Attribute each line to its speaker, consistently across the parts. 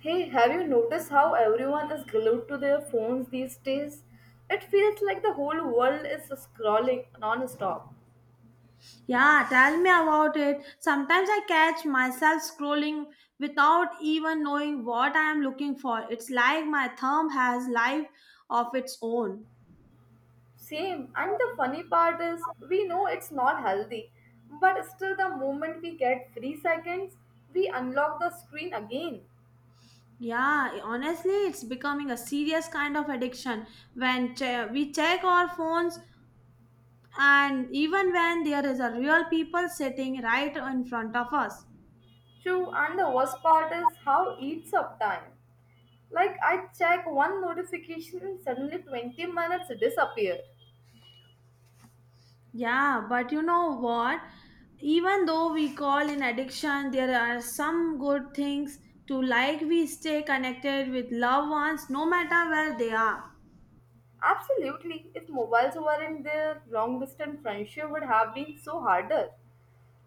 Speaker 1: Hey, have you noticed how everyone is glued to their phones these days? It feels like the whole world is scrolling non-stop.
Speaker 2: Yeah, tell me about it. Sometimes I catch myself scrolling without even knowing what I am looking for. It's like my thumb has life of its own.
Speaker 1: Same, and the funny part is we know it's not healthy, but still the moment we get 3 seconds, we unlock the screen again.
Speaker 2: Yeah, honestly, it's becoming a serious kind of addiction when we check our phones and even when there is a real people sitting right in front of us.
Speaker 1: True, and the worst part is how it eats up time. Like I check one notification and suddenly 20 minutes disappear.
Speaker 2: Yeah, but you know what? Even though we call in addiction, there are some good things to like. We stay connected with loved ones no matter where they are.
Speaker 1: Absolutely. If mobiles weren't there, long distance friendship would have been so harder.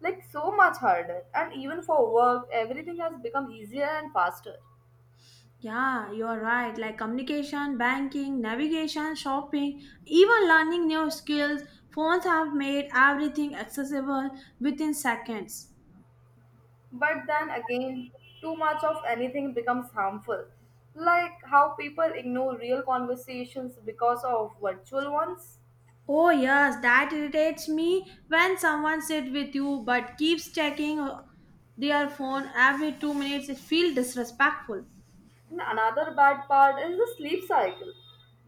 Speaker 1: Like so much harder. And even for work, everything has become easier and faster.
Speaker 2: Yeah, you're right. Like communication, banking, navigation, shopping, even learning new skills. Phones have made everything accessible within seconds.
Speaker 1: But then again, too much of anything becomes harmful. Like how people ignore real conversations because of virtual ones.
Speaker 2: Oh, yes, that irritates me when someone sits with you but keeps checking their phone every 2 minutes. It feels disrespectful.
Speaker 1: And another bad part is the sleep cycle.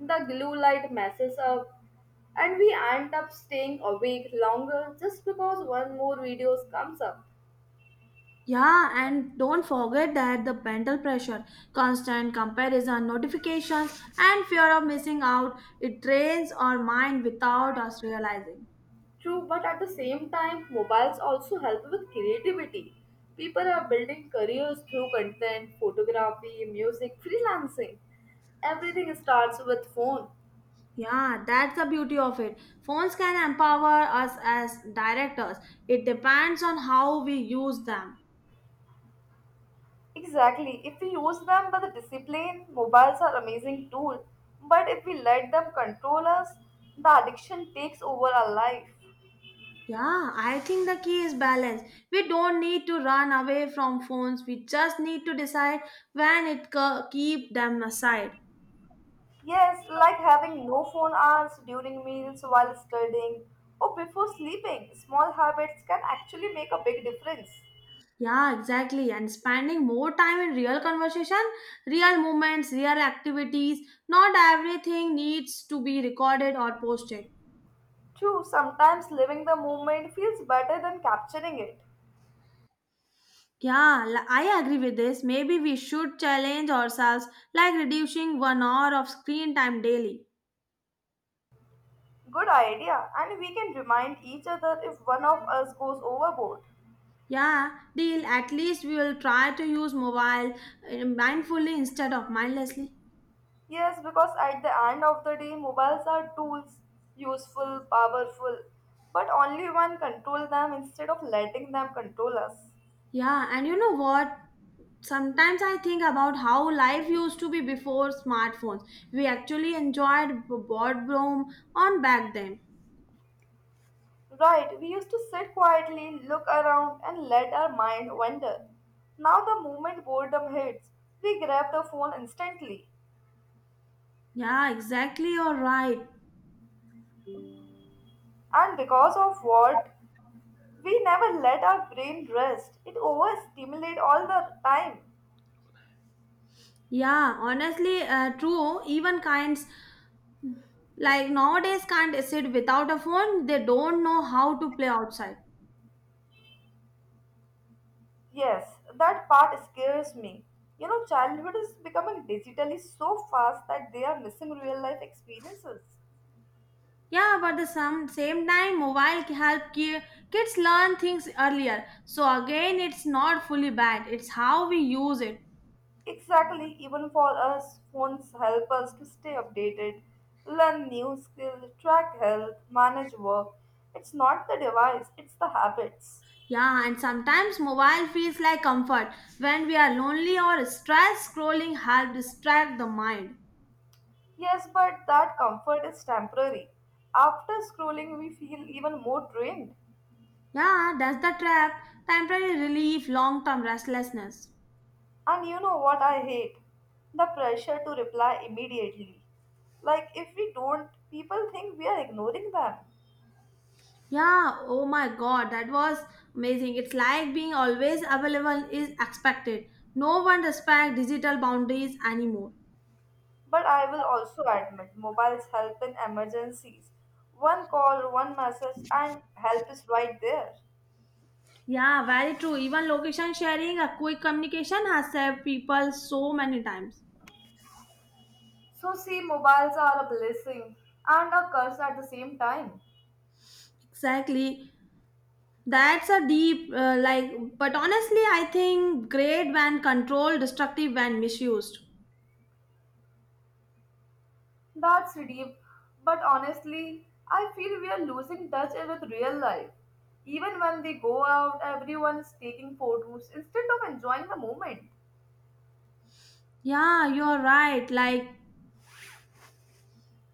Speaker 1: The blue light messes up and we end up staying awake longer just because one more video comes up.
Speaker 2: Yeah, and don't forget that the mental pressure, constant comparison, notifications, and fear of missing out, it drains our mind without us realizing.
Speaker 1: True, but at the same time, mobiles also help with creativity. People are building careers through content, photography, music, freelancing. Everything starts with phone.
Speaker 2: Yeah, that's the beauty of it. Phones can empower us as directors. It depends on how we use them.
Speaker 1: Exactly. If we use them with discipline, mobiles are amazing tool. But if we let them control us, the addiction takes over our life.
Speaker 2: Yeah, I think the key is balance. We don't need to run away from phones. We just need to decide when keep them aside.
Speaker 1: Yes, like having no phone hours during meals while studying or before sleeping. Small habits can actually make a big difference.
Speaker 2: Yeah, exactly. And spending more time in real conversation, real moments, real activities. Not everything needs to be recorded or posted.
Speaker 1: True, sometimes living the moment feels better than capturing it.
Speaker 2: Yeah, I agree with this. Maybe we should challenge ourselves like reducing 1 hour of screen time daily.
Speaker 1: Good idea, and we can remind each other if one of us goes overboard.
Speaker 2: Yeah, deal. At least we will try to use mobile mindfully instead of mindlessly.
Speaker 1: Yes, because at the end of the day, mobiles are tools, useful, powerful, but only one control them instead of letting them control us.
Speaker 2: Yeah, and you know what? Sometimes I think about how life used to be before smartphones. We actually enjoyed boardroom on back then.
Speaker 1: Right, we used to sit quietly, look around, and let our mind wander. Now, the moment boredom hits, we grab the phone instantly.
Speaker 2: Yeah, exactly. You're right.
Speaker 1: And because of what? We never let our brain rest. It overstimulate all the time.
Speaker 2: Yeah, honestly, true. Even kinds like nowadays can't sit without a phone. They don't know how to play outside.
Speaker 1: Yes, that part scares me. You know, childhood is becoming digitally so fast that they are missing real life experiences.
Speaker 2: Yeah, but the same time, mobile can help kids learn things earlier. So again, it's not fully bad. It's how we use it.
Speaker 1: Exactly, even for us, phones help us to stay updated, learn new skills, track health, manage work. It's not the device, it's the habits.
Speaker 2: Yeah, and sometimes mobile feels like comfort. When we are lonely or stressed, scrolling helps distract the mind.
Speaker 1: Yes, but that comfort is temporary. After scrolling, we feel even more drained.
Speaker 2: Yeah, that's the trap. Temporary relief, long-term restlessness.
Speaker 1: And you know what I hate? The pressure to reply immediately. Like, if we don't, people think we are ignoring them.
Speaker 2: Yeah, oh my god, that was amazing. It's like being always available is expected. No one respects digital boundaries anymore.
Speaker 1: But I will also admit, mobiles help in emergencies. One call, one message, and help is right there.
Speaker 2: Yeah, very true. Even location sharing, a quick communication has saved people so many times.
Speaker 1: So, see, mobiles are a blessing and a curse at the same time.
Speaker 2: Exactly. That's a deep, but honestly, I think great when controlled, destructive when misused.
Speaker 1: That's deep, but honestly, I feel we are losing touch with real life. Even when we go out, everyone's taking photos instead of enjoying the moment.
Speaker 2: Yeah, you're right.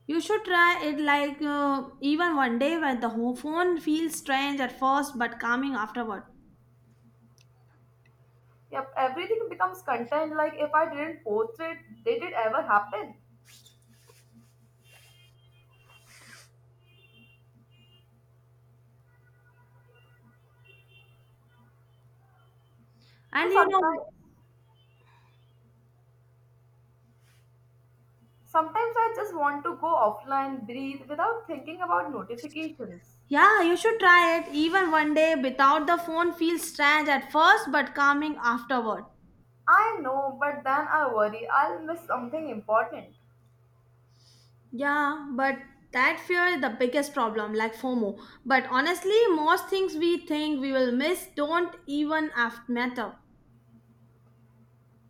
Speaker 2: You should try it, even one day when the home phone feels strange at first but calming afterward.
Speaker 1: Yep, everything becomes content like if I didn't post it, did it ever happen? So
Speaker 2: And you know,
Speaker 1: sometimes I just want to go offline, breathe without thinking about notifications.
Speaker 2: yeah, you should try it. Even one day without the phone feels strange at first but calming afterward.
Speaker 1: I know, but then I worry I'll miss something important.
Speaker 2: Yeah, but that fear is the biggest problem, like FOMO. But honestly, most things we think we will miss don't even matter.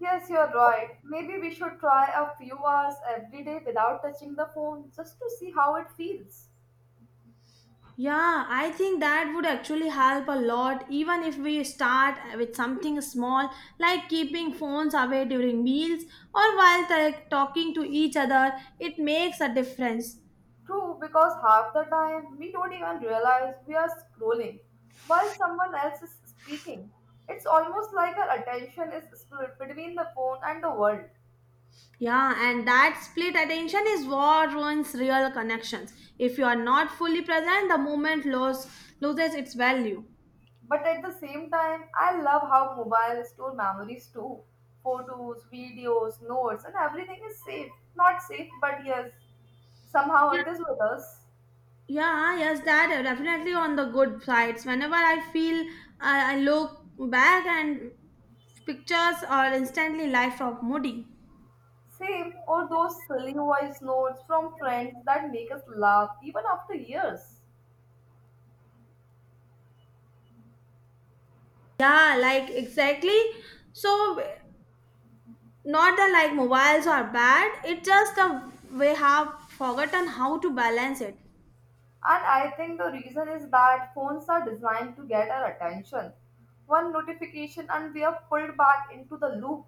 Speaker 1: Yes, you're right. Maybe we should try a few hours every day without touching the phone just to see how it feels.
Speaker 2: Yeah, I think that would actually help a lot, even if we start with something small like keeping phones away during meals or while talking to each other. It makes a difference.
Speaker 1: True, because half the time we don't even realize we are scrolling while someone else is speaking. It's almost like our attention is split between the phone and the world.
Speaker 2: Yeah, and that split attention is what ruins real connections. If you are not fully present, the moment loses its value.
Speaker 1: But at the same time, I love how mobiles store memories too. Photos, videos, notes, and everything is safe. Not safe, but yes, somehow it is with us.
Speaker 2: Yeah, yes, that are definitely on the good sides. Whenever I feel, I look back and pictures are instantly life of Moody.
Speaker 1: Same, or those silly voice notes from friends that make us laugh even after years.
Speaker 2: Yeah, like exactly. So not that like mobiles are bad. It's just the we have forgotten how to balance it.
Speaker 1: And I think the reason is that phones are designed to get our attention. One notification and we are pulled back into the loop.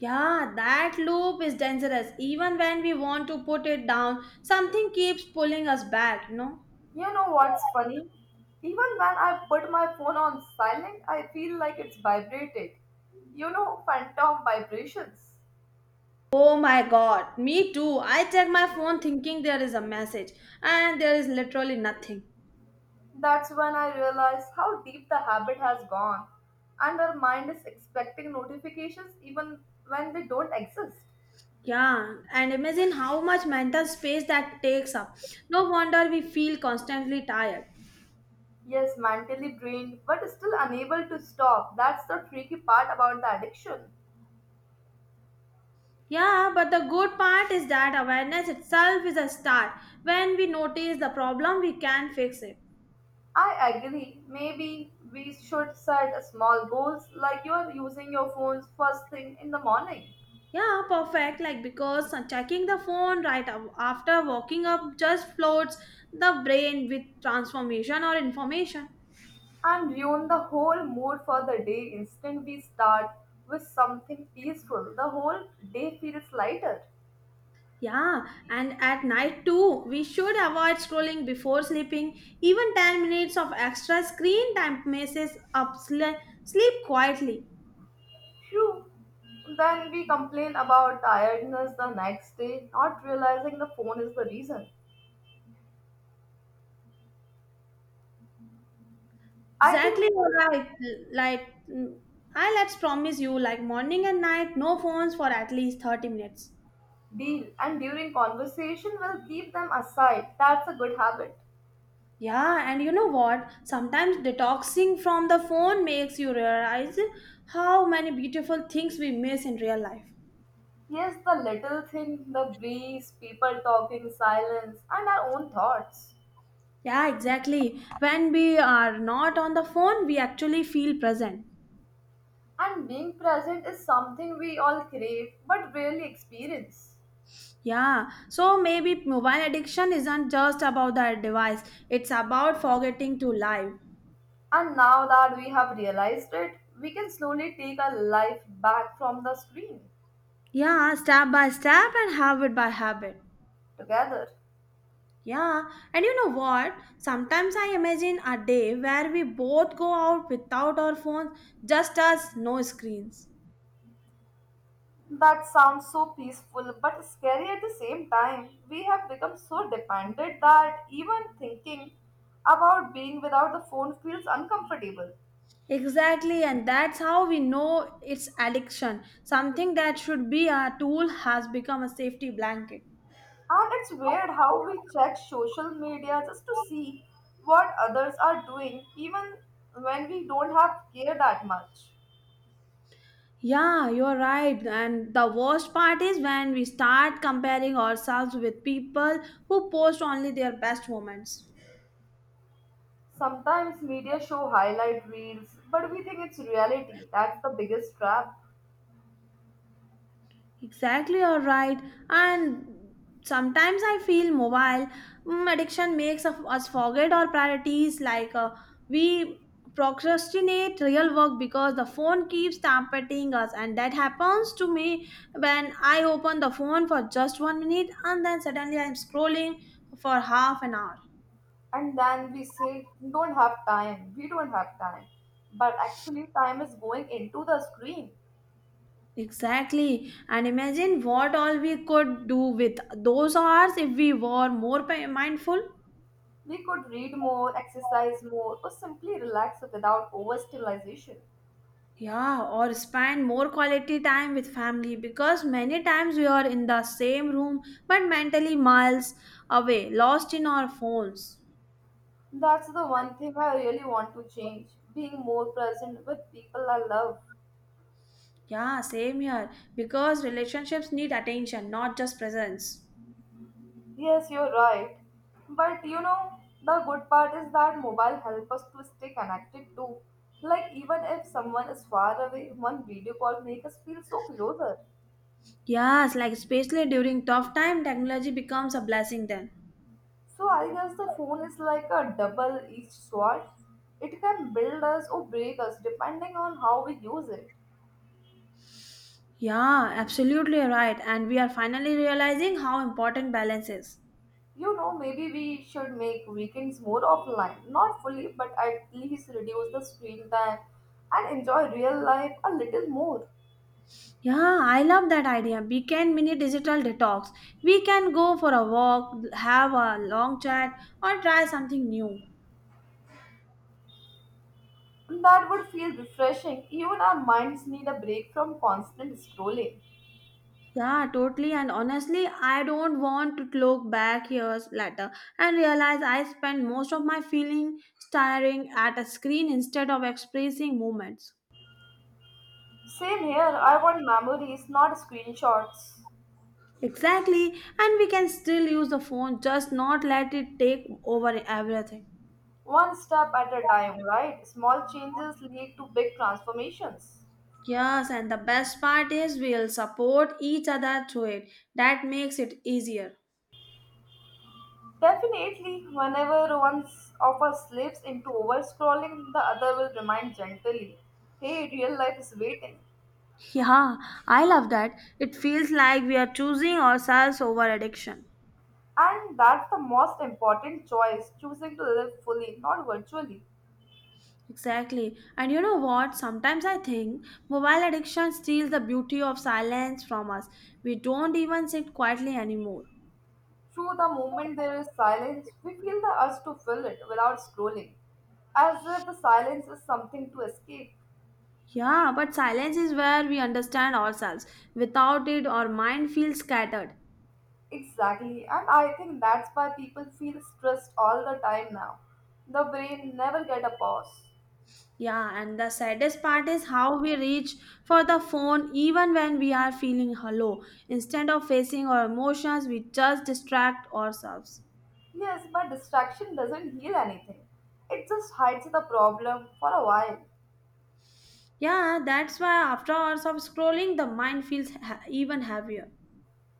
Speaker 2: Yeah, that loop is dangerous. Even when we want to put it down, something keeps pulling us back. You know.
Speaker 1: You know what's funny? Even when I put my phone on silent, I feel like it's vibrated. You know, phantom vibrations.
Speaker 2: Oh my god, me too. I check my phone thinking there is a message and there is literally nothing.
Speaker 1: That's when I realized how deep the habit has gone, and our mind is expecting notifications even when they don't exist.
Speaker 2: Yeah, and imagine how much mental space that takes up. No wonder we feel constantly tired.
Speaker 1: Yes, mentally drained, but still unable to stop. That's the tricky part about the addiction.
Speaker 2: Yeah, but the good part is that awareness itself is a start. When we notice the problem, we can fix it.
Speaker 1: I agree. Maybe we should set a small goals like you are using your phones first thing in the morning
Speaker 2: Yeah, perfect. Like because checking the phone right after waking up just floats the brain with transformation or information.
Speaker 1: and ruin the whole mood for the day. Instant we start with something peaceful, the whole day feels lighter.
Speaker 2: Yeah, and at night too, we should avoid scrolling before sleeping. Even 10 minutes of extra screen time messes up sleep quietly.
Speaker 1: True. Then we complain about tiredness the next day, not realizing the phone is the reason. I think
Speaker 2: Exactly
Speaker 1: we
Speaker 2: you're
Speaker 1: should
Speaker 2: right. Like, mm, I let's promise you, like morning and night, no phones for at least 30 minutes.
Speaker 1: deal and during conversation we'll keep them aside. That's a good habit.
Speaker 2: Yeah, and you know what? Sometimes detoxing from the phone makes you realize how many beautiful things we miss in real life.
Speaker 1: Yes, the little thing, the breeze, people talking, silence, and our own thoughts.
Speaker 2: Yeah, exactly. When we are not on the phone, we actually feel present.
Speaker 1: And being present is something we all crave but rarely experience.
Speaker 2: Yeah, so maybe mobile addiction isn't just about the device, it's about forgetting to live.
Speaker 1: And now that we have realized it, we can slowly take our life back from the screen
Speaker 2: Yeah, step by step and habit by habit.
Speaker 1: together.
Speaker 2: Yeah, and you know what? Sometimes I imagine a day where we both go out without our phones, just us, no screens.
Speaker 1: That sounds so peaceful but scary at the same time. We have become so dependent that even thinking about being without the phone feels uncomfortable.
Speaker 2: Exactly, and that's how we know it's addiction. Something that should be a tool has become a safety blanket.
Speaker 1: And it's weird how we check social media just to see what others are doing, even when we don't have care that much.
Speaker 2: Yeah, you're right. And the worst part is when we start comparing ourselves with people who post only their best moments.
Speaker 1: Sometimes media show highlight reels, but we think it's reality. That's the biggest trap.
Speaker 2: Exactly, you're right. And sometimes I feel mobile addiction makes us forget our priorities. Like we procrastinate real work because the phone keeps tampering us, and that happens to me when I open the phone for just 1 minute and then suddenly I'm scrolling for half an hour.
Speaker 1: And then we say don't have time we don't have time, but actually time is going into the screen.
Speaker 2: Exactly, and imagine what all we could do with those hours if we were more mindful.
Speaker 1: We could read more, exercise more, or simply relax without overstimulation.
Speaker 2: Yeah, or spend more quality time with family because many times we are in the same room but mentally miles away, lost in our phones.
Speaker 1: That's the one thing I really want to change, being more present with people I love.
Speaker 2: Yeah, same here because relationships need attention, not just presence.
Speaker 1: Yes, you're right, but you know, the good part is that mobile help us to stay connected too, like even if someone is far away, one video call make us feel so closer.
Speaker 2: Yes, like especially during tough time, technology becomes a blessing then.
Speaker 1: So I guess the phone is like a double-edged sword. It can build us or break us depending on how we use it.
Speaker 2: Yeah, absolutely right. And we are finally realizing how important balance is.
Speaker 1: You know, maybe we should make weekends more offline. Not fully, but at least reduce the screen time and enjoy real life a little more.
Speaker 2: Yeah, I love that idea. We can mini digital detox. We can go for a walk, have a long chat, or try something new.
Speaker 1: That would feel refreshing. Even our minds need a break from constant scrolling.
Speaker 2: Yeah, totally. And honestly, I don't want to look back years later and realize I spent most of my feeling staring at a screen instead of expressing moments.
Speaker 1: Same here, I want memories, not screenshots.
Speaker 2: Exactly. And we can still use the phone, just not let it take over everything.
Speaker 1: One step at a time, right? Small changes lead to big transformations.
Speaker 2: Yes, and the best part is we'll support each other through it. That makes it easier.
Speaker 1: Definitely, whenever one of us slips into overscrolling, the other will remind gently, hey, real life is waiting.
Speaker 2: Yeah, I love that. It feels like we are choosing ourselves over addiction.
Speaker 1: And that's the most important choice, choosing to live fully, not virtually.
Speaker 2: Exactly. And you know what? Sometimes I think mobile addiction steals the beauty of silence from us. We don't even sit quietly anymore.
Speaker 1: Through the moment there is silence, we feel the urge to fill it without scrolling, as if the silence is something to escape.
Speaker 2: Yeah, but silence is where we understand ourselves. Without it, our mind feels scattered.
Speaker 1: Exactly, and I think that's why people feel stressed all the time now. The brain never get a pause.
Speaker 2: Yeah, and the saddest part is how we reach for the phone even when we are feeling hollow. Instead of facing our emotions, we just distract ourselves.
Speaker 1: Yes, but distraction doesn't heal anything. It just hides the problem for a while.
Speaker 2: Yeah, that's why after hours of scrolling, the mind feels even heavier.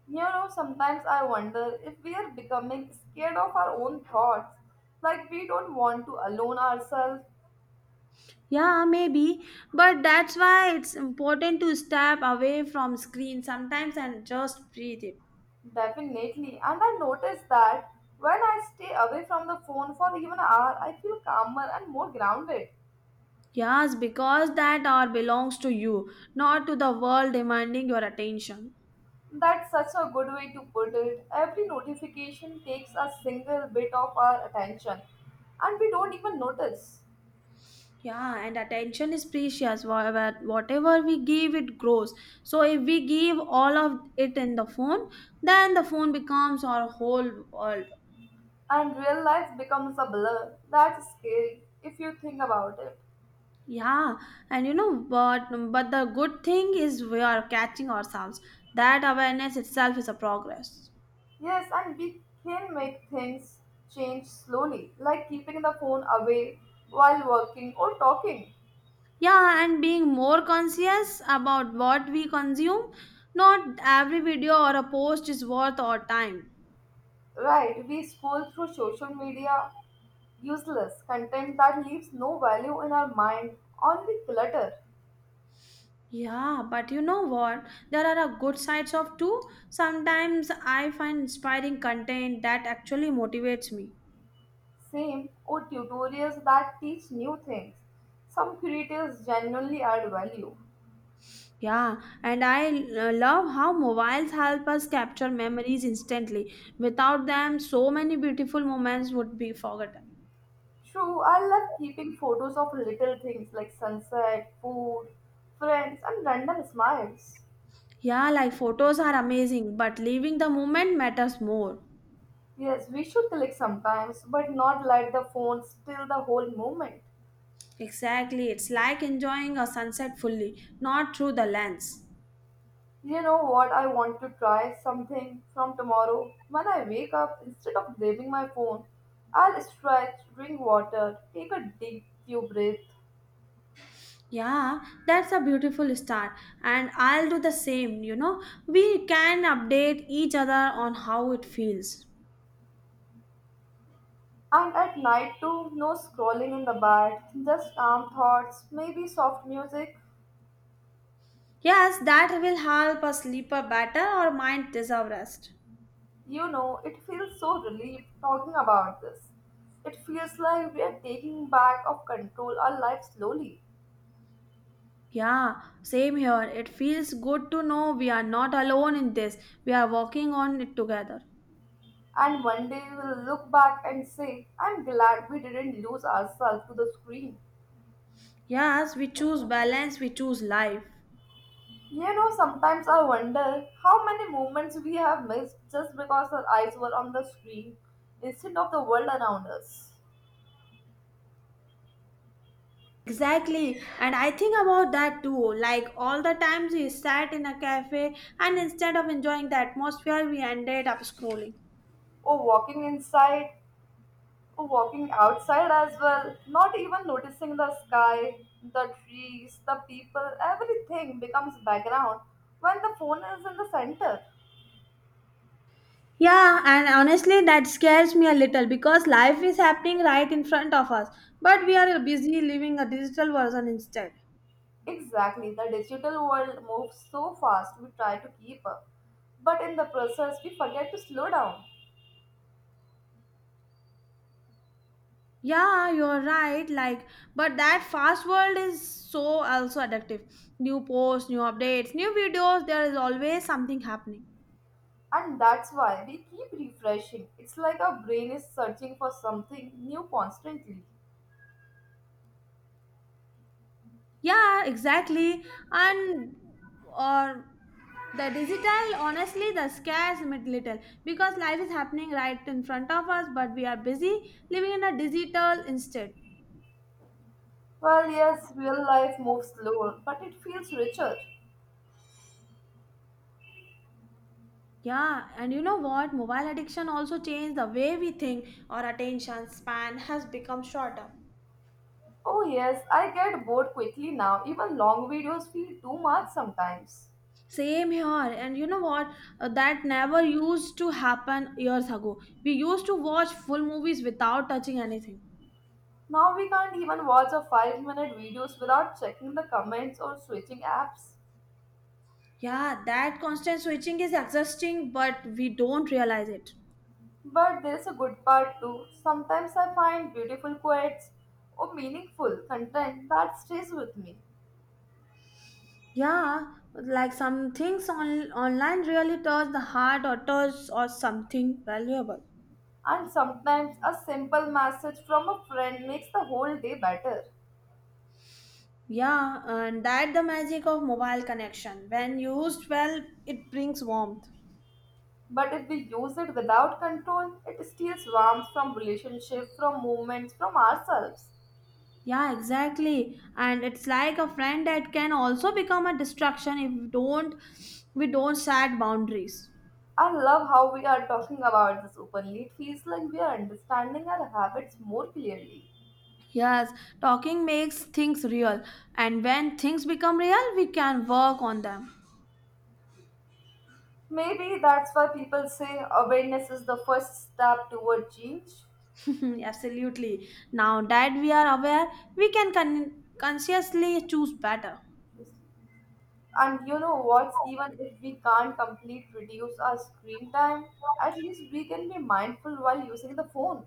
Speaker 1: You know, sometimes I wonder if we are becoming scared of our own thoughts, like we don't want to alone ourselves.
Speaker 2: Yeah, maybe, but that's why it's important to step away from screen sometimes and just breathe it.
Speaker 1: Definitely. And I notice that when I stay away from the phone for even an hour, I feel calmer and more grounded.
Speaker 2: Yes, because that hour belongs to you, not to the world demanding your attention.
Speaker 1: That's such a good way to put it. Every notification takes a single bit of our attention, and we don't even notice.
Speaker 2: Yeah, and attention is precious. Whatever we give, it grows. So if we give all of it in the phone, then the phone becomes our whole world.
Speaker 1: And real life becomes a blur. That's scary if you think about it.
Speaker 2: Yeah, and you know, but the good thing is we are catching ourselves. That awareness itself is a progress.
Speaker 1: Yes, and we can make things change slowly, like keeping the phone away while working or talking.
Speaker 2: Yeah, and being more conscious about what we consume. Not every video or a post is worth our time.
Speaker 1: Right, we scroll through social media, useless content that leaves no value in our mind, only clutter.
Speaker 2: Yeah, but you know what? There are a good sides of too. Sometimes I find inspiring content that actually motivates me.
Speaker 1: Same, or tutorials that teach new things. Some creators genuinely add value.
Speaker 2: Yeah, and I love how mobiles help us capture memories instantly. Without them, so many beautiful moments would be forgotten.
Speaker 1: True, I love keeping photos of little things like sunset, food, friends, and random smiles.
Speaker 2: Yeah, like photos are amazing, but leaving the moment matters more.
Speaker 1: Yes, we should click sometimes, but not let the phone steal the whole moment.
Speaker 2: Exactly, it's like enjoying a sunset fully, not through the lens.
Speaker 1: You know what? I want to try something from tomorrow. When I wake up, instead of grabbing my phone, I'll stretch, drink water, take a deep few breath,
Speaker 2: Yeah, that's a beautiful start, and I'll do the same. You know, we can update each other on how it feels.
Speaker 1: and at night too, no scrolling in the bed, just calm thoughts, maybe soft music.
Speaker 2: Yes, that will help us sleep a better or mind deserve rest.
Speaker 1: You know, it feels so relieved talking about this. It feels like we are taking back of control our life slowly.
Speaker 2: Yeah, same here. It feels good to know we are not alone in this. We are working on it together.
Speaker 1: And one day we'll look back and say, I'm glad we didn't lose ourselves to the screen.
Speaker 2: Yes, we choose balance, we choose life.
Speaker 1: You know, sometimes I wonder how many moments we have missed just because our eyes were on the screen instead of the world around us.
Speaker 2: Exactly, and I think about that too. Like all the times we sat in a cafe, and instead of enjoying the atmosphere, we ended up scrolling.
Speaker 1: Or walking inside. Walking outside as well, not even noticing the sky, the trees, the people, everything becomes background when the phone is in the center.
Speaker 2: Yeah, and honestly, that scares me a little because life is happening right in front of us, but we are busy living a digital version instead.
Speaker 1: Exactly, the digital world moves so fast we try to keep up. But in the process, we forget to slow down.
Speaker 2: Yeah, you're right. Like, but that fast world is so also addictive. New posts, new updates, new videos, there is always something happening.
Speaker 1: And that's why we keep refreshing. It's like our brain is searching for something new constantly.
Speaker 2: Yeah, exactly. And or the digital, honestly, the scares me little because life is happening right in front of us, but we are busy living in a digital instead.
Speaker 1: Well, yes, real life moves slower, but it feels richer.
Speaker 2: Yeah, and you know what? Mobile addiction also changed the way we think. Our attention span has become shorter.
Speaker 1: Oh, yes, I get bored quickly now. Even long videos feel too much sometimes.
Speaker 2: Same here, and you know what? That never used to happen years ago. We used to watch full movies without touching anything.
Speaker 1: Now we can't even watch a 5-minute minute videos without checking the comments or switching apps.
Speaker 2: Yeah, that constant switching is exhausting, but we don't realize it.
Speaker 1: But there's a good part too. Sometimes I find beautiful quotes or meaningful content that stays with me.
Speaker 2: Yeah, like some things on online really touch the heart or touch or something valuable.
Speaker 1: And sometimes a simple message from a friend makes the whole day better.
Speaker 2: Yeah, and that the magic of mobile connection. When used well, it brings warmth.
Speaker 1: But if we use it without control, it steals warmth from relationships, from moments, from ourselves.
Speaker 2: Yeah, exactly. And it's like a friend that can also become a distraction if we don't set boundaries.
Speaker 1: I love how we are talking about this openly. It feels like we are understanding our habits more clearly.
Speaker 2: Yes, talking makes things real, and when things become real, we can work on them.
Speaker 1: Maybe that's why people say awareness is the first step toward change.
Speaker 2: Absolutely. Now that we are aware, we can con- consciously choose better.
Speaker 1: And you know what? Even if we can't completely reduce our screen time, at least we can be mindful while using the phone.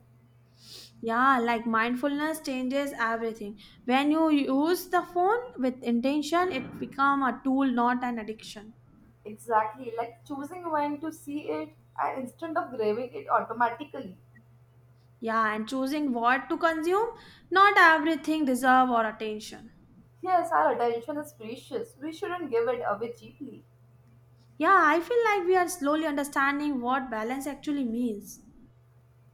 Speaker 2: Yeah, like mindfulness changes everything. When you use the phone with intention, it become a tool, not an addiction.
Speaker 1: Exactly, like choosing when to see it and instead of grabbing it automatically.
Speaker 2: Yeah, and choosing what to consume, not everything deserve our attention.
Speaker 1: Yes, our attention is precious. We shouldn't give it away cheaply.
Speaker 2: Yeah, I feel like we are slowly understanding what balance actually means.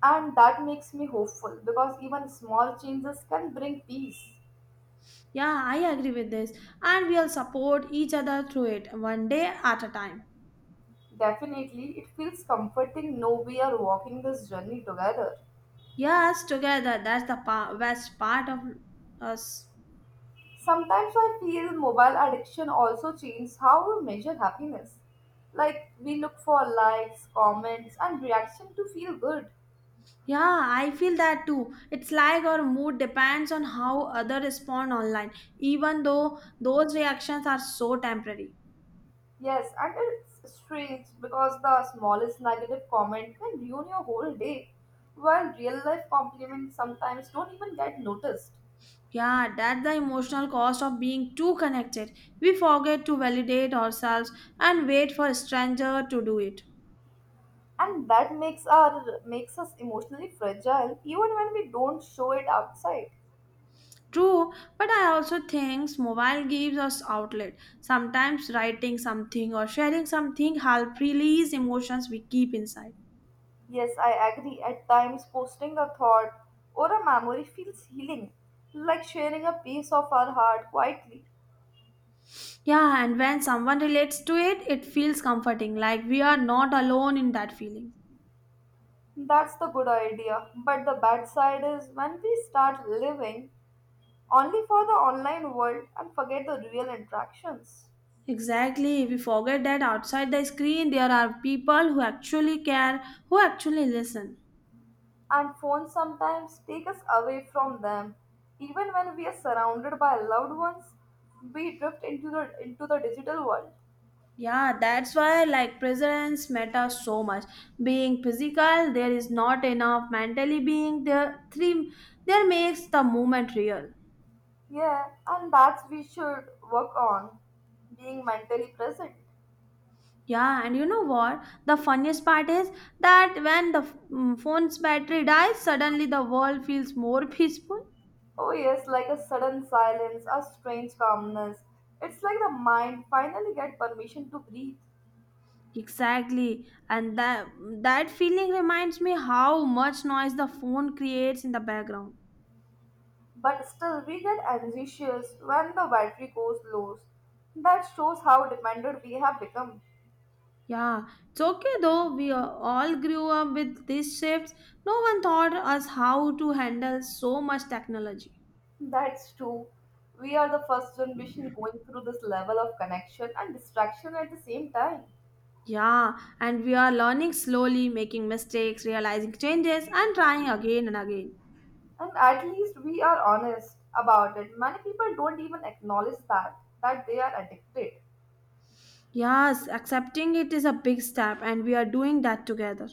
Speaker 1: And that makes me hopeful because even small changes can bring peace.
Speaker 2: Yeah, I agree with this. And we'll support each other through it one day at a time.
Speaker 1: Definitely, it feels comforting know we are walking this journey together.
Speaker 2: Yes, together. Best part of us.
Speaker 1: Sometimes I feel mobile addiction also changes how we measure happiness. Like we look for likes, comments, and reaction to feel good.
Speaker 2: Yeah, I feel that too. It's like our mood depends on how others respond online, even though those reactions are so temporary.
Speaker 1: Yes, and it's strange because the smallest negative comment can ruin your whole day, while real life compliments sometimes don't even get noticed.
Speaker 2: Yeah, that's the emotional cost of being too connected. We forget to validate ourselves and wait for a stranger to do it.
Speaker 1: And that makes our makes us emotionally fragile even when we don't show it outside.
Speaker 2: True, but I also think mobile gives us outlet. Sometimes writing something or sharing something help release emotions we keep inside.
Speaker 1: Yes, I agree, at times posting a thought or a memory feels healing, like sharing a piece of our heart quietly.
Speaker 2: Yeah, and when someone relates to it, it feels comforting, like we are not alone in that feeling.
Speaker 1: That's the good idea, but the bad side is when we start living only for the online world and forget the real interactions.
Speaker 2: Exactly, we forget that outside the screen there are people who actually care, who actually listen.
Speaker 1: And phones sometimes take us away from them. Even when we are surrounded by loved ones, we drift into the digital world.
Speaker 2: Yeah, that's why like presence matters so much. Being physical, there is not enough. Mentally being there, three there makes the moment real.
Speaker 1: Yeah, and that's we should work on being mentally present.
Speaker 2: Yeah, and you know what? The funniest part is that when the phone's battery dies, suddenly the world feels more peaceful.
Speaker 1: Oh yes, like a sudden silence, a strange calmness. It's like the mind finally get permission to breathe.
Speaker 2: Exactly, and that feeling reminds me how much noise the phone creates in the background.
Speaker 1: But still we get anxious when the battery goes low. That shows how dependent we have become.
Speaker 2: Yeah, it's okay though. All grew up with these shifts. No one taught us how to handle so much technology.
Speaker 1: That's true. We are the first generation going through this level of connection and distraction at the same time.
Speaker 2: Yeah, and we are learning slowly, making mistakes, realizing changes, and trying again and again.
Speaker 1: And at least we are honest about it. Many people don't even acknowledge that they are addicted.
Speaker 2: Yes, accepting it is a big step, and we are doing that together.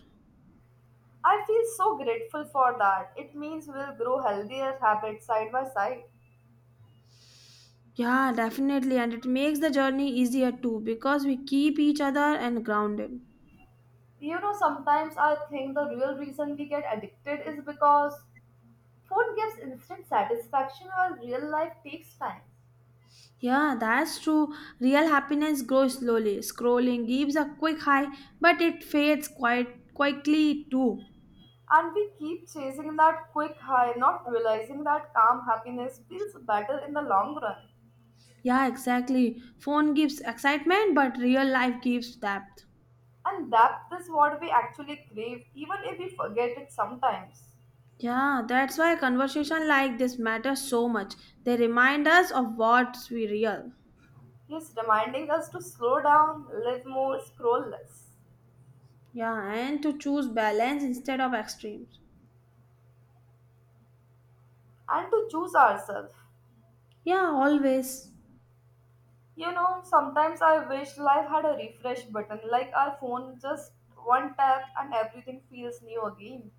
Speaker 1: I feel so grateful for that. It means we'll grow healthier habits side by side.
Speaker 2: Yeah, definitely, and it makes the journey easier too because we keep each other and grounded.
Speaker 1: You know, sometimes I think the real reason we get addicted is because phone gives instant satisfaction while real life takes time.
Speaker 2: Yeah, that's true. Real happiness grows slowly. Scrolling gives a quick high, but it fades quite quickly too.
Speaker 1: And we keep chasing that quick high, not realizing that calm happiness feels better in the long run.
Speaker 2: Yeah, exactly. Phone gives excitement, but real life gives depth.
Speaker 1: And that is what we actually crave, even if we forget it sometimes.
Speaker 2: Yeah, that's why conversation like this matters so much. They remind us of what's we real.
Speaker 1: He's reminding us to slow down, live more, scroll less,
Speaker 2: Yeah, and to choose balance instead of extremes.
Speaker 1: and to choose ourselves.
Speaker 2: Yeah, always.
Speaker 1: You know, sometimes I wish life had a refresh button, like our phone, just one tap and everything feels new again.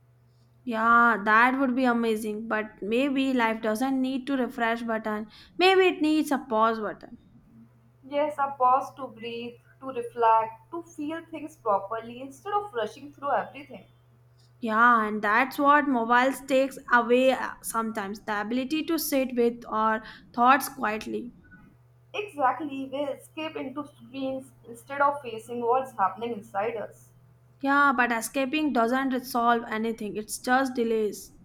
Speaker 2: Yeah, that would be amazing. But maybe life doesn't need to refresh button. Maybe it needs a pause button.
Speaker 1: Yes, a pause to breathe, to reflect, to feel things properly instead of rushing through everything.
Speaker 2: Yeah, and that's what mobiles takes away sometimes the ability to sit with our thoughts quietly.
Speaker 1: Exactly, we escape into screens instead of facing what's happening inside us.
Speaker 2: Yeah, but escaping doesn't resolve anything, it's just delays.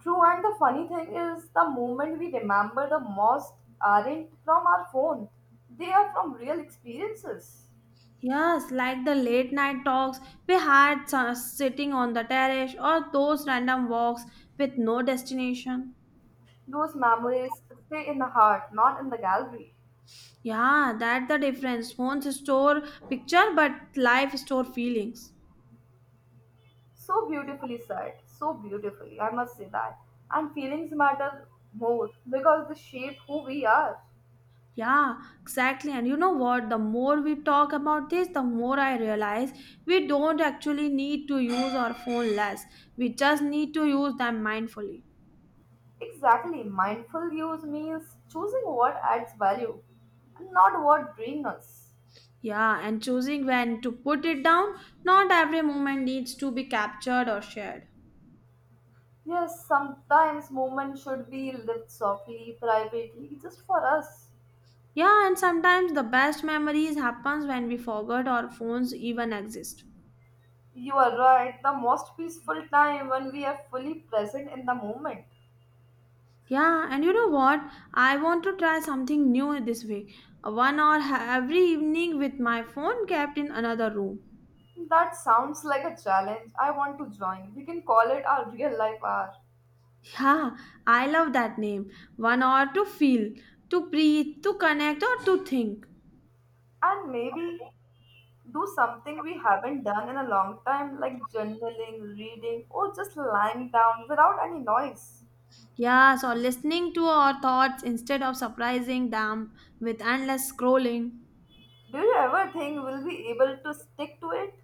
Speaker 1: True, and the funny thing is, the moment we remember the most aren't from our phone, they are from real experiences.
Speaker 2: Yes, like the late night talks we sitting on the terrace or those random walks with no destination.
Speaker 1: Those memories stay in the heart, not in the gallery.
Speaker 2: Yeah, that's the difference. Phones store picture, but life store feelings.
Speaker 1: So beautifully said, so beautifully, I must say that. And feelings matter more because they shape who we are.
Speaker 2: Yeah, exactly. And you know what? The more we talk about this, the more I realize we don't actually need to use our phone less. We just need to use them mindfully.
Speaker 1: Exactly, mindful use means choosing what adds value and not what drains us.
Speaker 2: Yeah, and choosing when to put it down, not every moment needs to be captured or shared.
Speaker 1: Yes, sometimes movement should be lived softly, privately, just for us.
Speaker 2: Yeah, and sometimes the best memories happens when we forget our phones even exist.
Speaker 1: You are right, the most peaceful time when we are fully present in the moment.
Speaker 2: Yeah, and you know what? I want to try something new this week. 1 hour every evening with my phone kept in another room.
Speaker 1: That sounds like a challenge. I want to join. We can call it our real life hour.
Speaker 2: Yeah, I love that name. 1 hour to feel, to breathe, to connect, or to think.
Speaker 1: And maybe do something we haven't done in a long time, like journaling, reading, or just lying down without any noise.
Speaker 2: Yes, or listening to our thoughts instead of surprising them with endless scrolling.
Speaker 1: Do you ever think we'll be able to stick to it?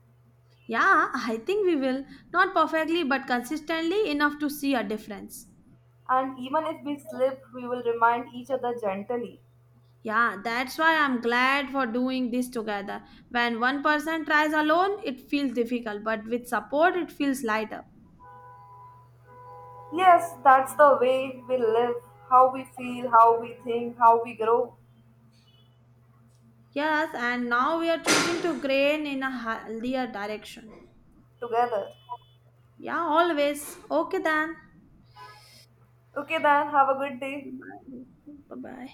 Speaker 2: Yeah, I think we will. Not perfectly, but consistently enough to see a difference.
Speaker 1: And even if we slip, we will remind each other gently.
Speaker 2: Yeah, that's why I'm glad for doing this together. When one person tries alone, it feels difficult, but with support, it feels lighter.
Speaker 1: Yes, that's the way we live, how we feel, how we think, how we grow
Speaker 2: Yes, and now we are choosing to grain in a healthier direction.
Speaker 1: together.
Speaker 2: Yeah, always. Okay then.
Speaker 1: Okay, then, have a good day.
Speaker 2: Bye bye.